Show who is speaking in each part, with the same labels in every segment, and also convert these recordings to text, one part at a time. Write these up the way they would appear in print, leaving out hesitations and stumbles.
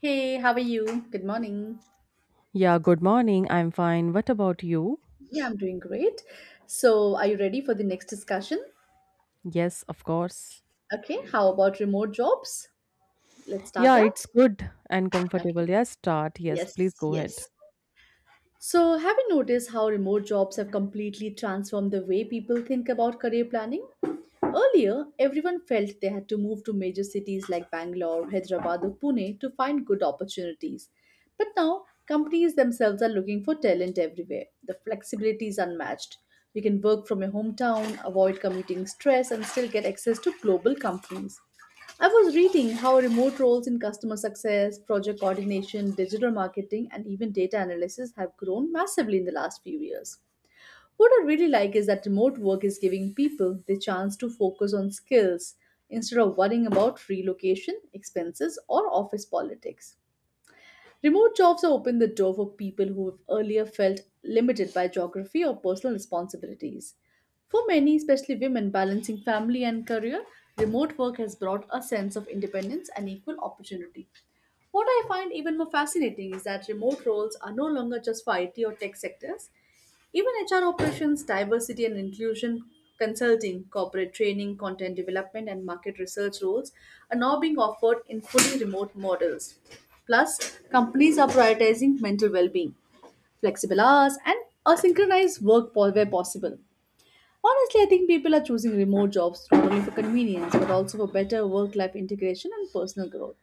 Speaker 1: Hey, how are you? Good morning.
Speaker 2: Yeah, good morning. I'm fine. What about you?
Speaker 1: Yeah, I'm doing great. So, are you ready for the next discussion?
Speaker 2: Yes, of course.
Speaker 1: Okay, how about remote jobs? Let's start
Speaker 2: Yeah, it's
Speaker 1: that.
Speaker 2: good and
Speaker 1: Okay,
Speaker 2: comfortable. Yes, start. Yes, please
Speaker 1: yes,
Speaker 2: go ahead.
Speaker 1: yes. So, have you noticed how remote jobs have completely transformed the way people think about career planning? Earlier, everyone felt they had to move to major cities like Bangalore, Hyderabad, or Pune to find good opportunities. But now, companies themselves are looking for talent everywhere. The flexibility is unmatched. You can work from your hometown, avoid commuting stress, and still get access to global companies. I was reading how remote roles in customer success, project coordination, digital marketing, and even data analysis have grown massively in the last few years. What I really like is that remote work is giving people the chance to focus on skills instead of worrying about relocation, expenses, or office politics. Remote jobs have opened the door for people who have earlier felt limited by geography or personal responsibilities. For many, especially women balancing family and career, remote work has brought a sense of independence and equal opportunity. What I find even more fascinating is that remote roles are no longer just for IT or tech sectors. Even HR operations, diversity and inclusion consulting, corporate training, content development, and market research roles are now being offered in fully remote models. Plus, companies are prioritizing mental well being, flexible hours, and a synchronized where possible. Honestly, I think people are choosing remote jobs not only for convenience but also for better work life integration and personal growth.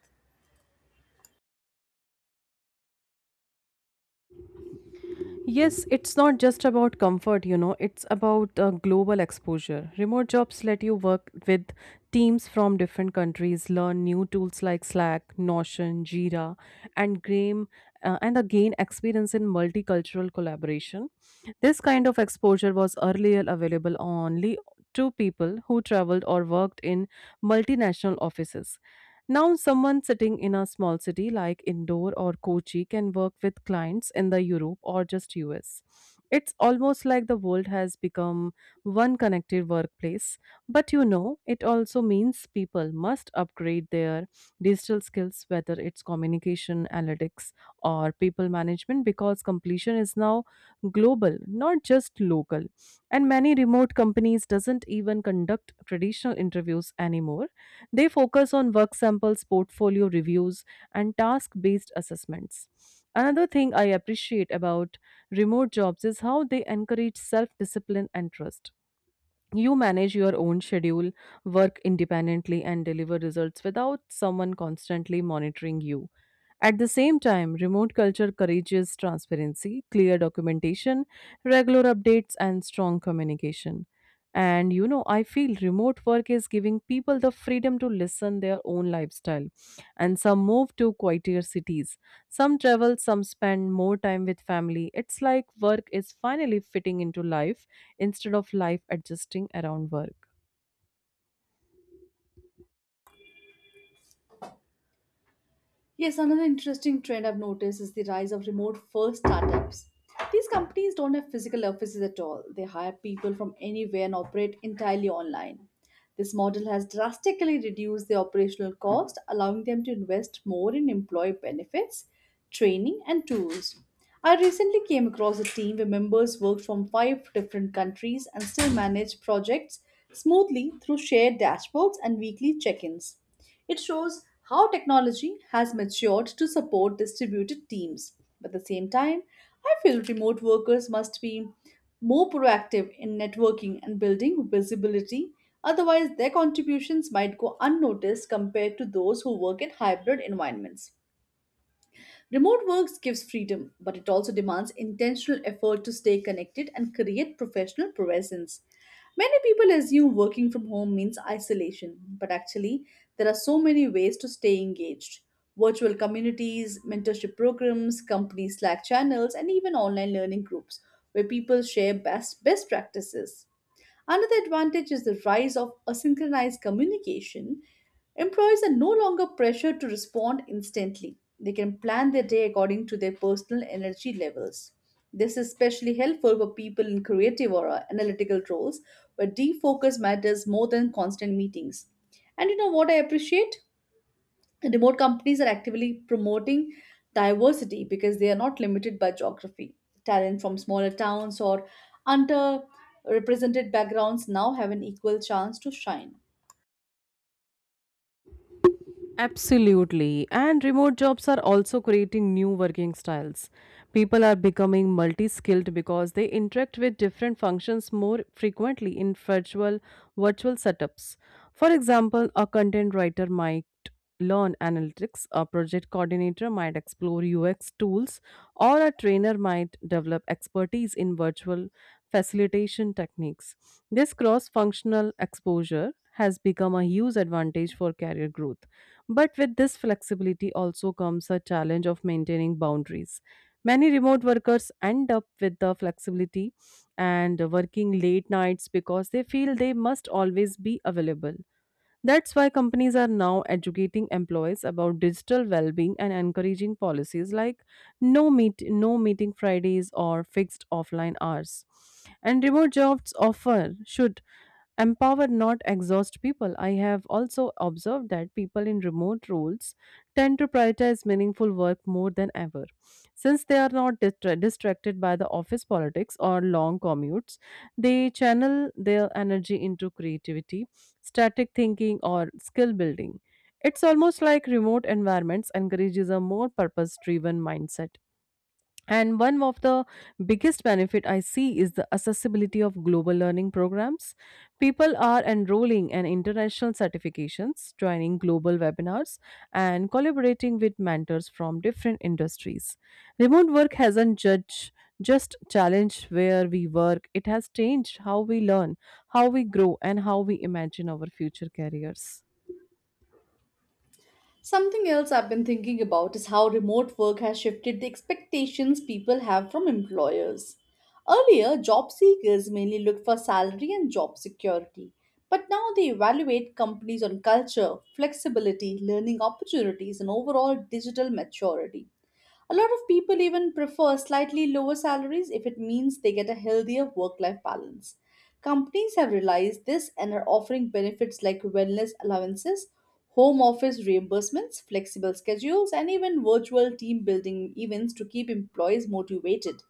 Speaker 2: Yes, it's not just about comfort, you know, it's about global exposure. Remote jobs let you work with teams from different countries, learn new tools like Slack, Notion, Jira, and game, and gain experience in multicultural collaboration. This kind of exposure was earlier available only to people who traveled or worked in multinational offices. Now, someone sitting in a small city like Indore or Kochi can work with clients in the Europe or just US. It's almost like the world has become one connected workplace. But you know, it also means people must upgrade their digital skills, whether it's communication, analytics, or people management, because completion is now global, not just local. And many remote companies doesn't even conduct traditional interviews anymore. They focus on work samples, portfolio reviews, and task based assessments. Another thing I appreciate about remote jobs is how they encourage self discipline and trust. You manage your own schedule, work independently, and deliver results without someone constantly monitoring you. At the same time, remote culture encourages transparency, clear documentation, regular updates, and strong communication. And you know, I feel remote work is giving people the freedom to listen their own lifestyle. And some move to quieter cities. Some travel, some spend more time with family. It's like work is finally fitting into life instead of life adjusting around work.
Speaker 1: Yes, another interesting trend I've noticed is the rise of remote first startups. These companies don't have physical offices at all. They hire people from anywhere and operate entirely online. This model has drastically reduced their operational cost, allowing them to invest more in employee benefits, training, and tools. I recently came across a team where members worked from five different countries and still manage projects smoothly through shared dashboards and weekly check ins. It shows how technology has matured to support distributed teams. But at the same time, I feel remote workers must be more proactive in networking and building visibility. Otherwise, their contributions might go unnoticed compared to those who work in hybrid environments. Remote work gives freedom, but it also demands intentional effort to stay connected and create professional presence. Many people assume working from home means isolation, but actually, there are so many ways to stay engaged. Virtual communities, mentorship programs, company Slack channels, and even online learning groups where people share best practices. Another advantage is the rise of asynchronous communication. Employees are no longer pressured to respond instantly. They can plan their day according to their personal energy levels. This is especially helpful for people in creative or analytical roles where deep focus matters more than constant meetings. And you know what I appreciate? Remote companies are actively promoting diversity because they are not limited by geography. Talent from smaller towns or underrepresented backgrounds now have an equal chance to shine.
Speaker 2: Absolutely. And remote jobs are also creating new working styles. People are becoming multi skilled because they interact with different functions more frequently in virtual setups. For example, a content writer might learn analytics, a project coordinator might explore UX tools, or a trainer might develop expertise in virtual facilitation techniques. This cross functional exposure has become a huge advantage for career growth. But with this flexibility also comes a challenge of maintaining boundaries. Many remote workers end up with the flexibility and working late nights because they feel they must always be available. That's why companies are now educating employees about digital well-being and encouraging policies like no meeting Fridays or fixed offline hours. And remote jobs offer should empower not exhaust people. I have also observed that people in remote roles tend to prioritize meaningful work more than ever since they are not distracted by the office politics or long commutes. They channel their energy into creativity static thinking or skill building. It's almost like remote environments encourages a more purpose-driven mindset. And one of the biggest benefit I see is the accessibility of global learning programs. People are enrolling in international certifications, joining global webinars, and collaborating with mentors from different industries. Remote work hasn't judged just challenged where we work, it has changed how we learn how we grow and how we imagine our future careers.
Speaker 1: Something else I've been thinking about is how remote work has shifted the expectations people have from employers. Earlier, job seekers mainly looked for salary and job security, but now they evaluate companies on culture, flexibility, learning opportunities, and overall digital maturity. A lot of people even prefer slightly lower salaries if it means they get a healthier work life balance. Companies have realized this and are offering benefits like wellness allowances, home office reimbursements, flexible schedules, and even virtual team building events to keep employees motivated.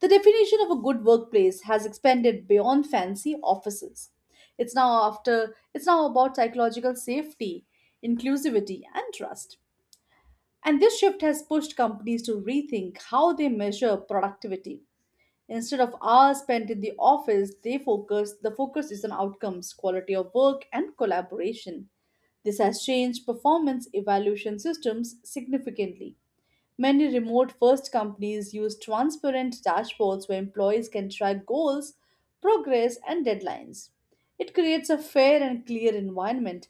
Speaker 1: The definition of a good workplace has expanded beyond fancy offices. It's now about psychological safety, inclusivity, and trust. And this shift has pushed companies to rethink how they measure productivity. Instead of hours spent in the office, the focus is on outcomes, quality of work, and collaboration. This has changed performance evaluation systems significantly. Many remote first companies use transparent dashboards where employees can track goals, progress, and deadlines. It creates a fair and clear environment.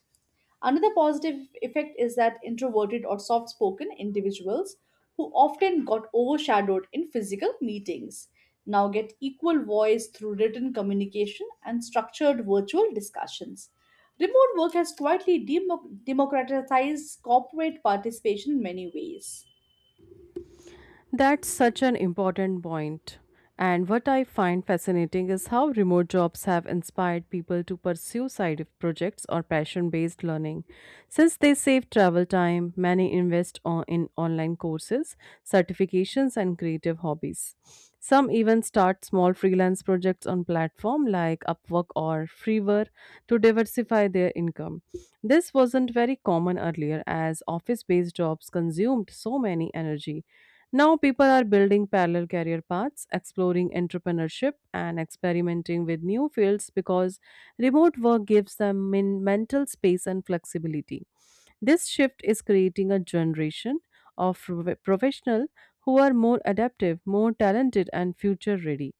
Speaker 1: Another positive effect is that introverted or soft spoken individuals who often got overshadowed in physical meetings now get equal voice through written communication and structured virtual discussions. Remote work has quietly democratized corporate participation in many ways.
Speaker 2: That's such an important point. And what I find fascinating is how remote jobs have inspired people to pursue side projects or passion based learning. Since they save travel time, many in online courses, certifications, and creative hobbies. Some even start small freelance projects on platforms like Upwork or Freeware to diversify their income. This wasn't very common earlier as office based jobs consumed so many energy now, people are building parallel career paths, exploring entrepreneurship, and experimenting with new fields because remote work gives them mental space and flexibility. This shift is creating a generation of professional who are more adaptive, more talented, and future ready.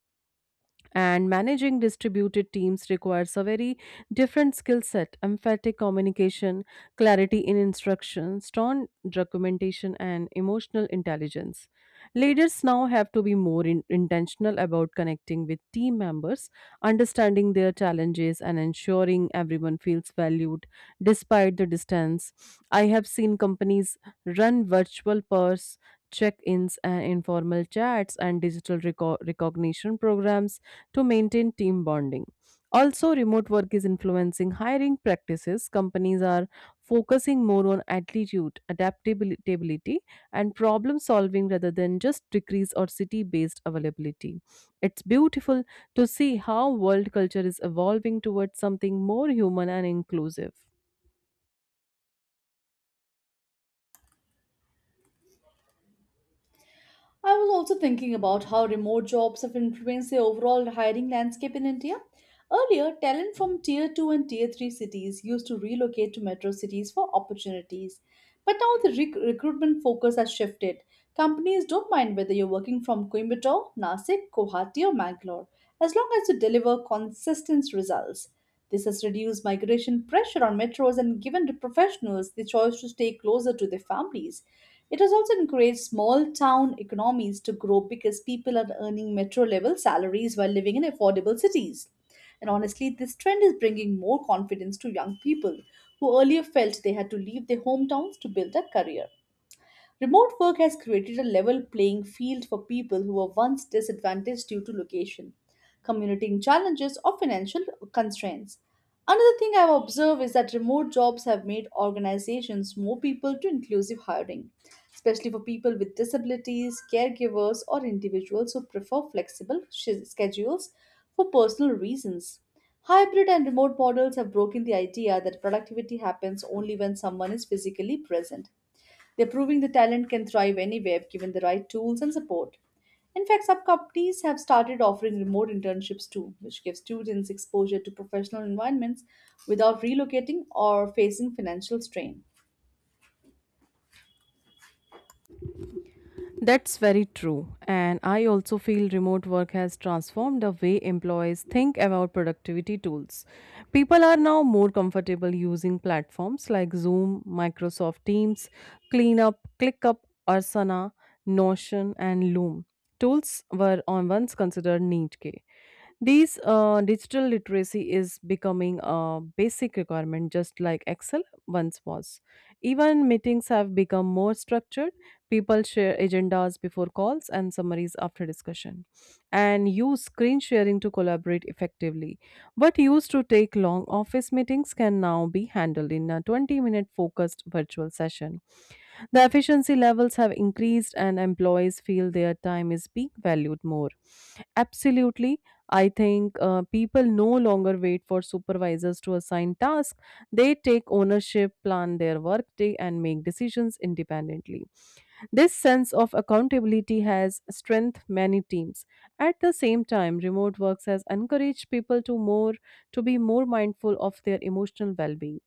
Speaker 2: And managing distributed teams requires a very different skill set emphatic communication, clarity in instruction, strong documentation, and emotional intelligence. Leaders now have to be more intentional about connecting with team members, understanding their challenges, and ensuring everyone feels valued despite the distance. I have seen companies run virtual purse check ins and informal chats and digital recognition programs to maintain team bonding. Also, remote work is influencing hiring practices. Companies are focusing more on attitude, adaptability, and problem solving rather than just degrees or city based availability. It's beautiful to see how world culture is evolving towards something more human and inclusive.
Speaker 1: I was also thinking about how remote jobs have influenced the overall hiring landscape in India. Earlier, talent from tier 2 and tier 3 cities used to relocate to metro cities for opportunities. But now the recruitment focus has shifted. Companies don't mind whether you're working from Coimbatore, Nasik, Guwahati, or Mangalore, as long as you deliver consistent results. This has reduced migration pressure on metros and given the professionals the choice to stay closer to their families. It has also encouraged small town economies to grow because people are earning metro level salaries while living in affordable cities. And honestly, this trend is bringing more confidence to young people who earlier felt they had to leave their hometowns to build a career. Remote work has created a level playing field for people who were once disadvantaged due to location, commuting challenges, or financial constraints. Another thing I've observed is that remote jobs have made organizations more people to inclusive hiring, especially for people with disabilities, caregivers, or individuals who prefer flexible schedules for personal reasons. Hybrid and remote models have broken the idea that productivity happens only when someone is physically present they're proving the talent can thrive anywhere if given the right tools and support. In fact, some companies have started offering remote internships too, which gives students exposure to professional environments without relocating or facing financial strain.
Speaker 2: That's very true. And I also feel remote work has transformed the way employees think about productivity tools. People are now more comfortable using platforms like Zoom, Microsoft Teams, ClickUp, Asana, Notion, and Loom. Tools were on once considered niche. These digital literacy is becoming a basic requirement, just like Excel once was. Even meetings have become more structured. People share agendas before calls and summaries after discussion, and use screen sharing to collaborate effectively. What used to take long office meetings can now be handled in a 20-minute focused virtual session. The efficiency levels have increased, and employees feel their time is being valued more. Absolutely. I think people no longer wait for supervisors to assign tasks. They take ownership, plan their workday, and make decisions independently. This sense of accountability has strengthened many teams. At the same time, remote works has encouraged people to more to be more mindful of their emotional well-being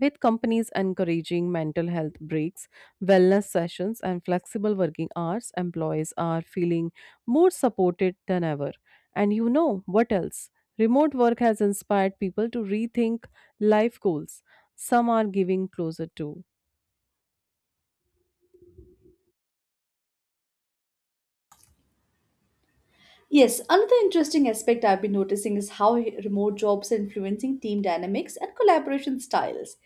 Speaker 2: with companies encouraging mental health breaks, wellness sessions, and flexible working hours, employees are feeling more supported than ever. And you know what else? Remote work has inspired people to rethink life goals. Some are giving closer to
Speaker 1: Yes, another interesting aspect I've been noticing is how remote jobs are influencing team dynamics and collaboration styles.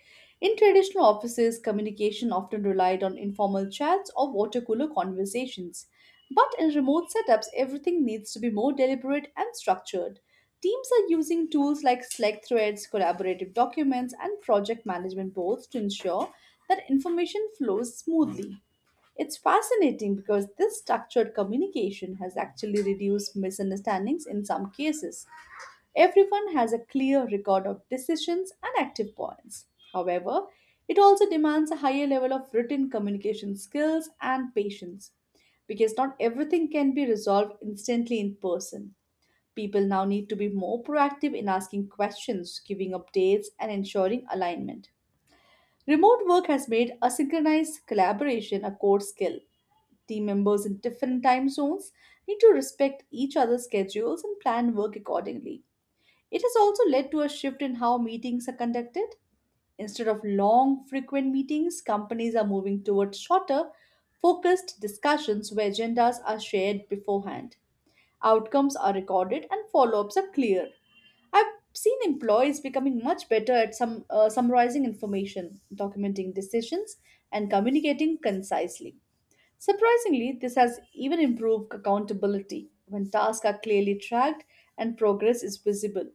Speaker 1: In traditional offices, communication often relied on informal chats or water cooler conversations. But in remote setups, everything needs to be more deliberate and structured. Teams are using tools like Slack threads, collaborative documents, and project management boards to ensure that information flows smoothly. It's fascinating because this structured communication has actually reduced misunderstandings in some cases. Everyone has a clear record of decisions and active points. However, it also demands a higher level of written communication skills and patience because not everything can be resolved instantly in person. People now need to be more proactive in asking questions, giving updates, and ensuring alignment. Remote work has made asynchronous collaboration a core skill. Team members in different time zones need to respect each other's schedules and plan work accordingly. It has also led to a shift in how meetings are conducted. Instead of long, frequent meetings, companies are moving towards shorter, focused discussions where agendas are shared beforehand. Outcomes are recorded and follow ups are clear. I've seen employees becoming much better at some summarizing information, documenting decisions, and communicating concisely. Surprisingly, this has even improved accountability when tasks are clearly tracked and progress is visible.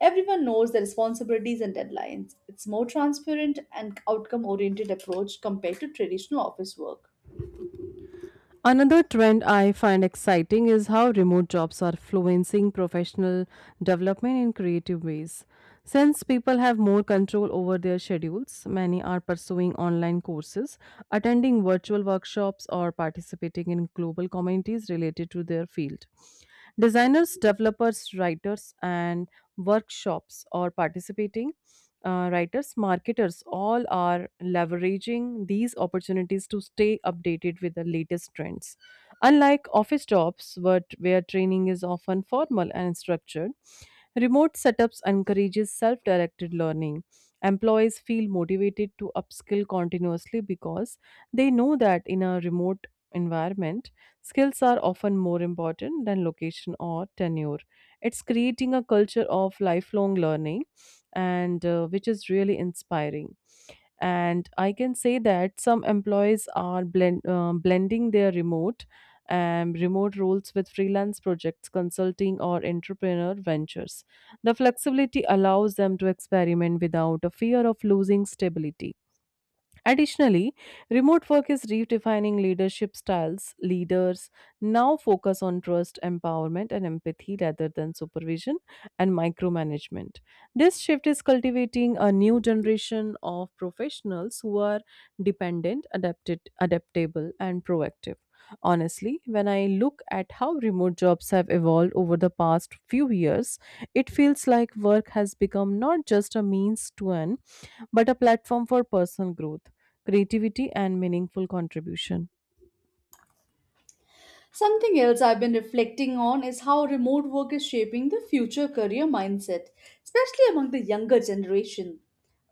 Speaker 1: Everyone knows their responsibilities and deadlines. It's more transparent and outcome oriented approach compared to traditional office work.
Speaker 2: another trend I find exciting is how remote jobs are influencing professional development in creative ways. Since people have more control over their schedules, many are pursuing online courses, attending virtual workshops, or participating in global communities related to their field. Designers, developers, writers, and workshops are participating writers, marketers, all are leveraging these opportunities to stay updated with the latest trends. Unlike office jobs, but where training is often formal and structured, remote setups encourages self-directed learning. Employees feel motivated to upskill continuously because they know that in a remote environment, skills are often more important than location or tenure. It's creating a culture of lifelong learning and which is really inspiring and I can say that some employees are blending their remote roles with freelance projects consulting or entrepreneur ventures the flexibility allows them to experiment without a fear of losing stability. Additionally, remote work is redefining leadership styles. Leaders now focus on trust, empowerment, and empathy rather than supervision and micromanagement. This shift is cultivating a new generation of professionals who are adaptable, and proactive. Honestly, when I look at how remote jobs have evolved over the past few years, it feels like work has become not just a means to an but a platform for personal growth, creativity, and meaningful contribution.
Speaker 1: Something else I've been reflecting on is how remote work is shaping the future career mindset, especially among the younger generation.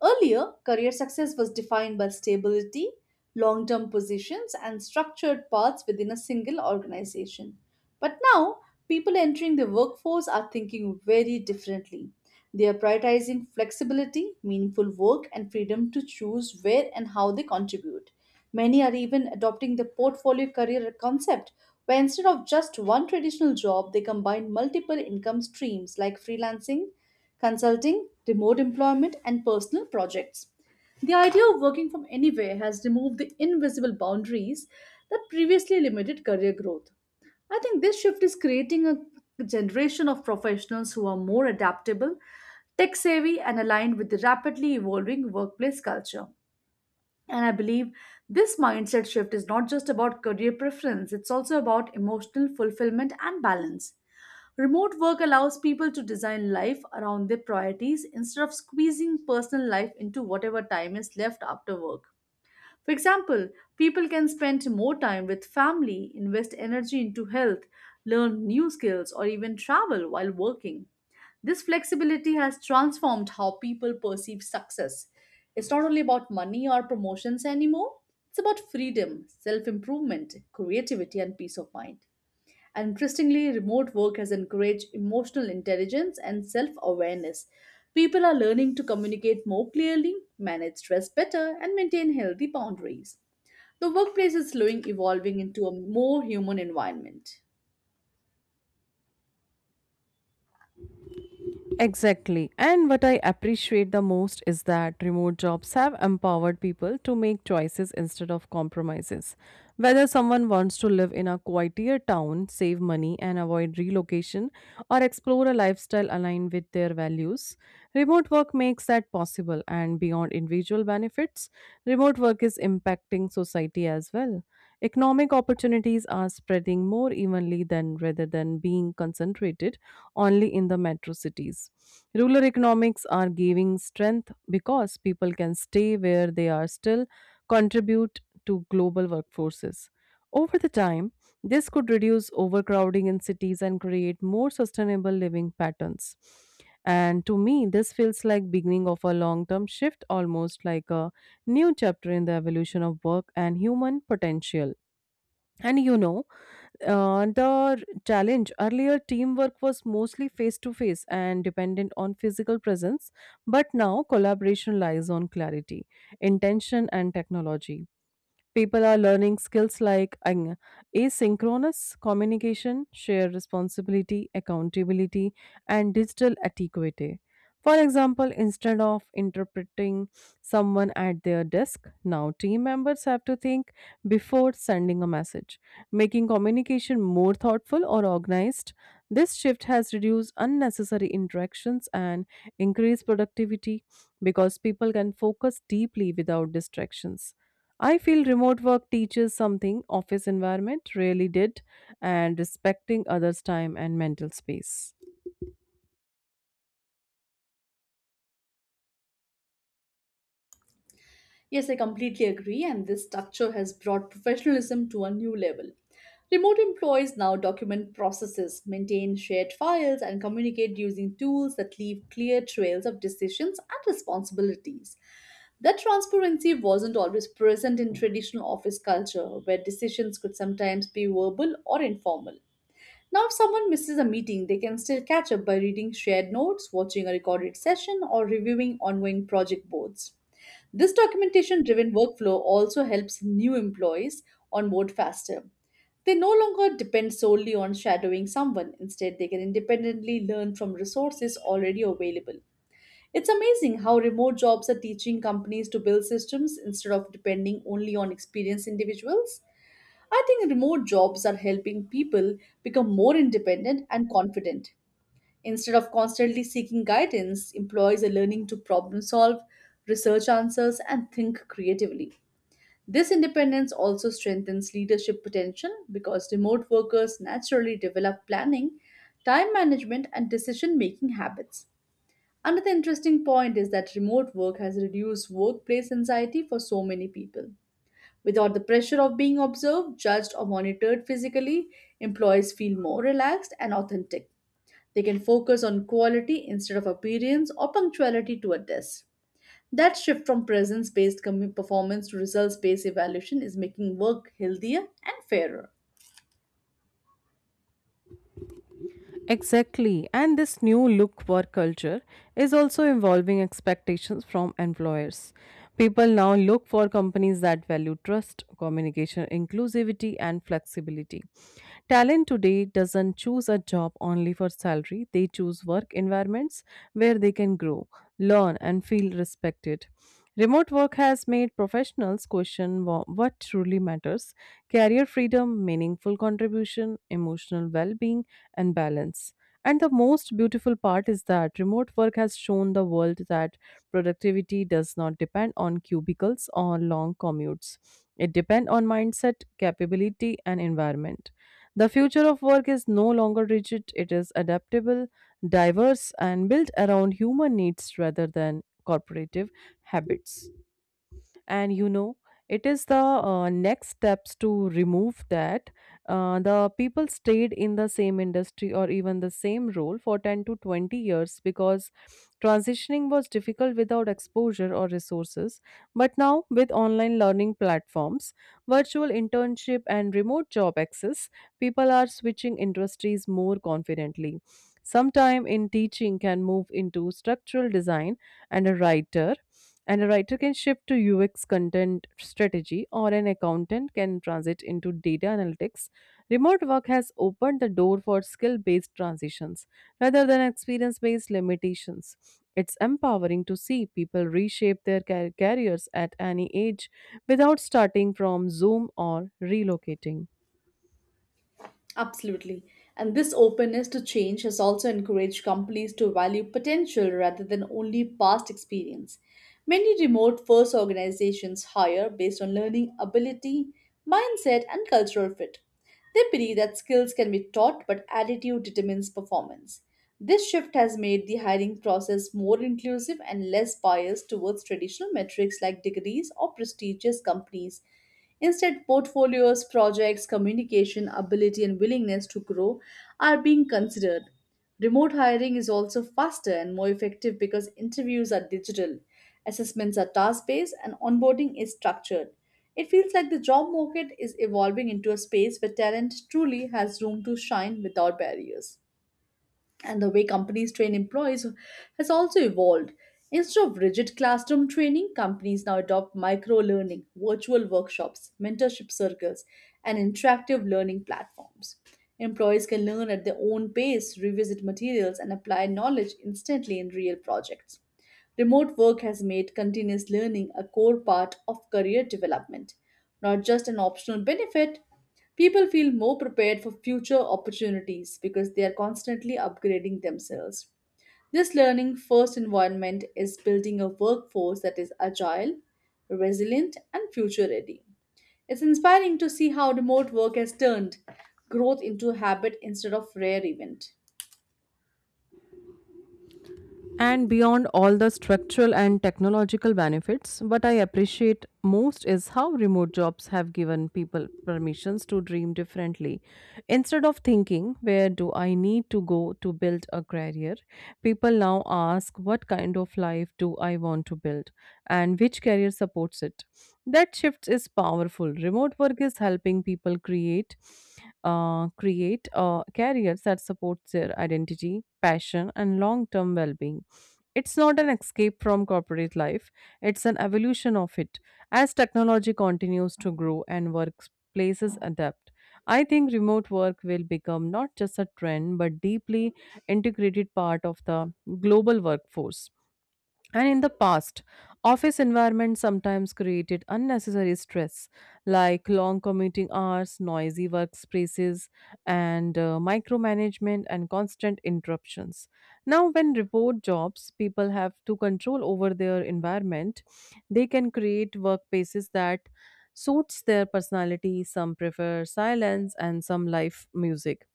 Speaker 1: Earlier, career success was defined by stability, long term positions, and structured paths within a single organization. But now, people entering the workforce are thinking very differently. They are prioritizing flexibility, meaningful work, and freedom to choose where and how they contribute. Many are even adopting the portfolio career concept where instead of just one traditional job, they combine multiple income streams like freelancing, consulting, remote employment, and personal projects. The idea of working from anywhere has removed the invisible boundaries that previously limited career growth. I think this shift is creating a generation of professionals who are more adaptable, tech savvy, and aligned with the rapidly evolving workplace culture. And I believe this mindset shift is not just about career preference, it's also about emotional fulfillment and balance. Remote work allows people to design life around their priorities instead of squeezing personal life into whatever time is left after work. For example, people can spend more time with family, invest energy into health, learn new skills, or even travel while working. This flexibility has transformed how people perceive success. It's not only about money or promotions anymore, it's about freedom, self improvement, creativity, and peace of mind. And interestingly, remote work has encouraged emotional intelligence and self awareness. People are learning to communicate more clearly, manage stress better, and maintain healthy boundaries. The workplace is slowly evolving into a more human environment.
Speaker 2: Exactly. And what I appreciate the most is that remote jobs have empowered people to make choices instead of compromises. Whether someone wants to live in a quieter town, save money, and avoid relocation, or explore a lifestyle aligned with their values, remote work makes that possible. And beyond individual benefits, remote work is impacting society as well. Economic opportunities are spreading more evenly than rather than being concentrated only in the metro cities. Rural economics are giving strength because people can stay where they are still contribute to global workforces. Over the time, this could reduce overcrowding in cities and create more sustainable living patterns. And to me, this feels like beginning of a long-term shift, almost like a new chapter in the evolution of work and human potential. And you know, the challenge earlier teamwork was mostly face to face and dependent on physical presence, but now collaboration lies on clarity, intention, and technology. People are learning skills like asynchronous communication, shared responsibility, accountability, and digital etiquette. For example, instead of interpreting someone at their desk, now team members have to think before sending a message, making communication more thoughtful or organized. This shift has reduced unnecessary interactions and increased productivity because people can focus deeply without distractions. I feel remote work teaches something office environment really did and respecting others' time and mental space.
Speaker 1: Yes, I completely agree, and this structure has brought professionalism to a new level. Remote employees now document processes, maintain shared files, and communicate using tools that leave clear trails of decisions and responsibilities. That transparency wasn't always present in traditional office culture, where decisions could sometimes be verbal or informal. Now, if someone misses a meeting, they can still catch up by reading shared notes, watching a recorded session, or reviewing ongoing project boards. This documentation driven workflow also helps new employees onboard faster. They no longer depend solely on shadowing someone, instead, they can independently learn from resources already available. It's amazing how remote jobs are teaching companies to build systems instead of depending only on experienced individuals. I think remote jobs are helping people become more independent and confident. Instead of constantly seeking guidance, employees are learning to problem solve, research answers, and think creatively. This independence also strengthens leadership potential because remote workers naturally develop planning, time management, and decision making habits. Another interesting point is that remote work has reduced workplace anxiety for so many people. Without the pressure of being observed, judged, or monitored physically, employees feel more relaxed and authentic. They can focus on quality instead of appearance or punctuality to a desk. That shift from presence based performance to results based evaluation is making work healthier and fairer.
Speaker 2: Exactly. And this new look work culture is also involving expectations from employers. People now look for companies that value trust, communication, inclusivity, and flexibility. Talent today doesn't choose a job only for salary, they choose work environments where they can grow, learn, and feel respected. Remote work has made professionals question what truly matters career freedom, meaningful contribution, emotional well being, and balance. And the most beautiful part is that remote work has shown the world that productivity does not depend on cubicles or long commutes. It depends on mindset, capability, and environment. The future of work is no longer rigid, it is adaptable, diverse, and built around human needs rather than corporative habits. And you know it is the Next steps to remove that, the people stayed in the same industry or even the same role for 10 to 20 years because transitioning was difficult without exposure or resources. But now, with online learning platforms, virtual internship, and remote job access, people are switching industries more confidently. Sometime in teaching can move into structural design, and a writer and a writer can shift to UX content strategy, or an accountant can transit into data analytics. Remote work has opened the door for skill based transitions rather than experience based limitations. It's empowering to see people reshape their careers at any age without starting from Zoom or relocating.
Speaker 1: Absolutely. And this openness to change has also encouraged companies to value potential rather than only past experience. Many remote first organizations hire based on learning ability, mindset, and cultural fit. They believe that skills can be taught, but attitude determines performance. This shift has made the hiring process more inclusive and less biased towards traditional metrics like degrees or prestigious companies. Instead, portfolios, projects, communication, ability, and willingness to grow are being considered. Remote hiring is also faster and more effective because interviews are digital, assessments are task based, and onboarding is structured. It feels like the job market is evolving into a space where talent truly has room to shine without barriers, and the way companies train employees has also evolved. Instead of rigid classroom training, companies now adopt micro learning, virtual workshops, mentorship circles, and interactive learning platforms. Employees can learn at their own pace, revisit materials, and apply knowledge instantly in real projects. Remote work has made continuous learning a core part of career development, not just an optional benefit. People feel more prepared for future opportunities because they are constantly upgrading themselves. This learning first environment is building a workforce that is agile, resilient, and future ready. It's inspiring to see how remote work has turned growth into a habit instead of rare event.
Speaker 2: And beyond all the structural and technological benefits, what I appreciate most is how remote jobs have given people permissions to dream differently. Instead of thinking, where do I need to go to build a career, people now ask, what kind of life do I want to build and which career supports it? That shift is powerful. Remote work is helping people create careers that supports their identity, passion, and long-term well-being. It's not an escape from corporate life, it's an evolution of it. As technology continues to grow and workplaces adapt, I think remote work will become not just a trend but deeply integrated part of the global workforce. And in the past, office environments sometimes created unnecessary stress, like long commuting hours, noisy workspaces, and micromanagement and constant interruptions. Now, when remote jobs, people have to control over their environment, they can create workplaces that suits their personality. Some prefer silence, and some live music.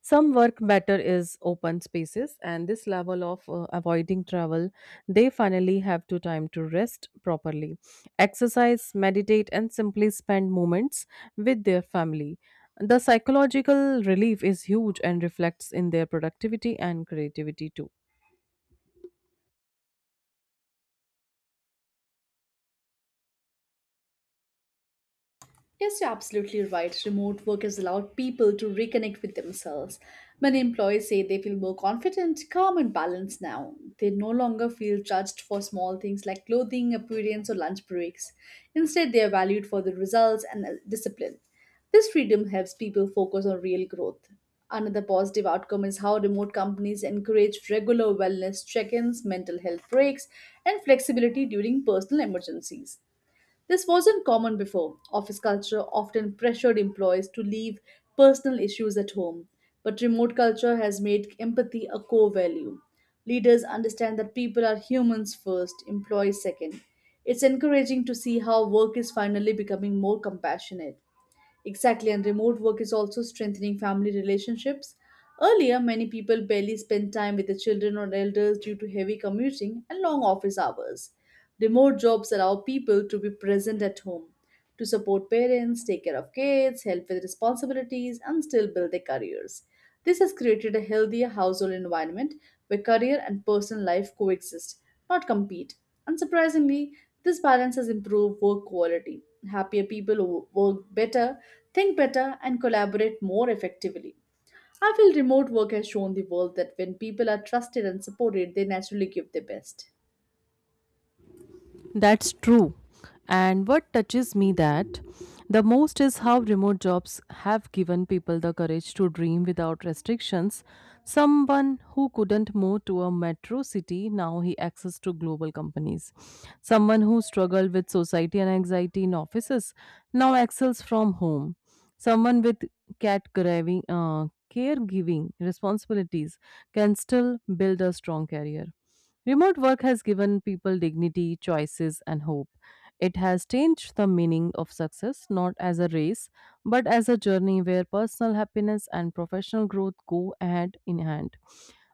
Speaker 2: Some work better is open spaces, and this level of avoiding travel, they finally have to time to rest properly, exercise, meditate, and simply spend moments with their family. The psychological relief is huge and reflects in their productivity and creativity too.
Speaker 1: Yes, you're absolutely right. Remote work has allowed people to reconnect with themselves. Many employees say they feel more confident, calm, and balanced now. They no longer feel judged for small things like clothing, appearance, or lunch breaks. Instead, they are valued for their results and discipline. This freedom helps people focus on real growth. Another positive outcome is how remote companies encourage regular wellness check ins, mental health breaks, and flexibility during personal emergencies. This wasn't common before. Office culture often pressured employees to leave personal issues at home, but remote culture has made empathy a core value. Leaders understand that people are humans first, employees second. It's encouraging to see how work is finally becoming more compassionate. Exactly, and remote work is also strengthening family relationships. Earlier, many people barely spent time with their children or elders due to heavy commuting and long office hours. Remote jobs allow people to be present at home, to support parents, take care of kids, help with responsibilities, and still build their careers. This has created a healthier household environment where career and personal life coexist not compete. Unsurprisingly, this balance has improved work quality. Happier people work better, think better, and collaborate more effectively. I feel remote work has shown the world that when people are trusted and supported, they naturally give their best.
Speaker 2: That's true. And what touches me that the most is how remote jobs have given people the courage to dream without restrictions. Someone who couldn't move to a metro city now he access to global companies. Someone who struggled with society and anxiety in offices now excels from home. Someone with cat graving, uh, caregiving responsibilities can still build a strong career. Remote work has given people dignity, choices, and hope. It has changed the meaning of success not as a race, but as a journey where personal happiness and professional growth go hand in hand.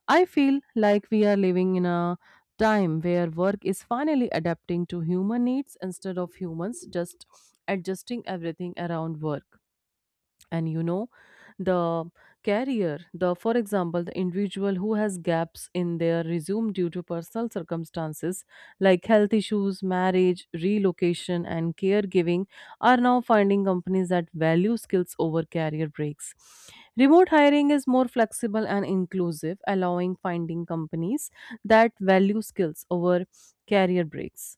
Speaker 2: I feel like we are living in a time where work is finally adapting to human needs instead of humans just adjusting everything around work. And you know the carrier, the for example, the individual who has gaps in their resume due to personal circumstances like health issues, marriage, relocation, and caregiving are now finding companies that value skills over career breaks. Remote hiring is more flexible and inclusive allowing finding companies that value skills over career breaks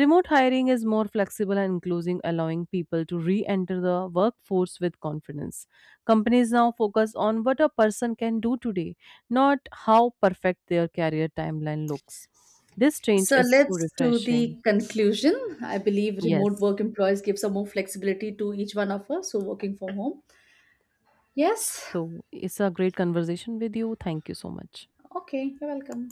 Speaker 2: Remote hiring is more flexible and inclusive, allowing people to re enter the workforce with confidence. Companies now focus on what a person can do today, not how perfect their career timeline looks. This change
Speaker 1: So
Speaker 2: is so
Speaker 1: let's do
Speaker 2: refreshing.
Speaker 1: the conclusion. I believe remote
Speaker 2: Yes.
Speaker 1: work employees give some more flexibility to each one of us who are working from home. Yes.
Speaker 2: So it's a great conversation with you. Thank you so much.
Speaker 1: Okay, you're welcome.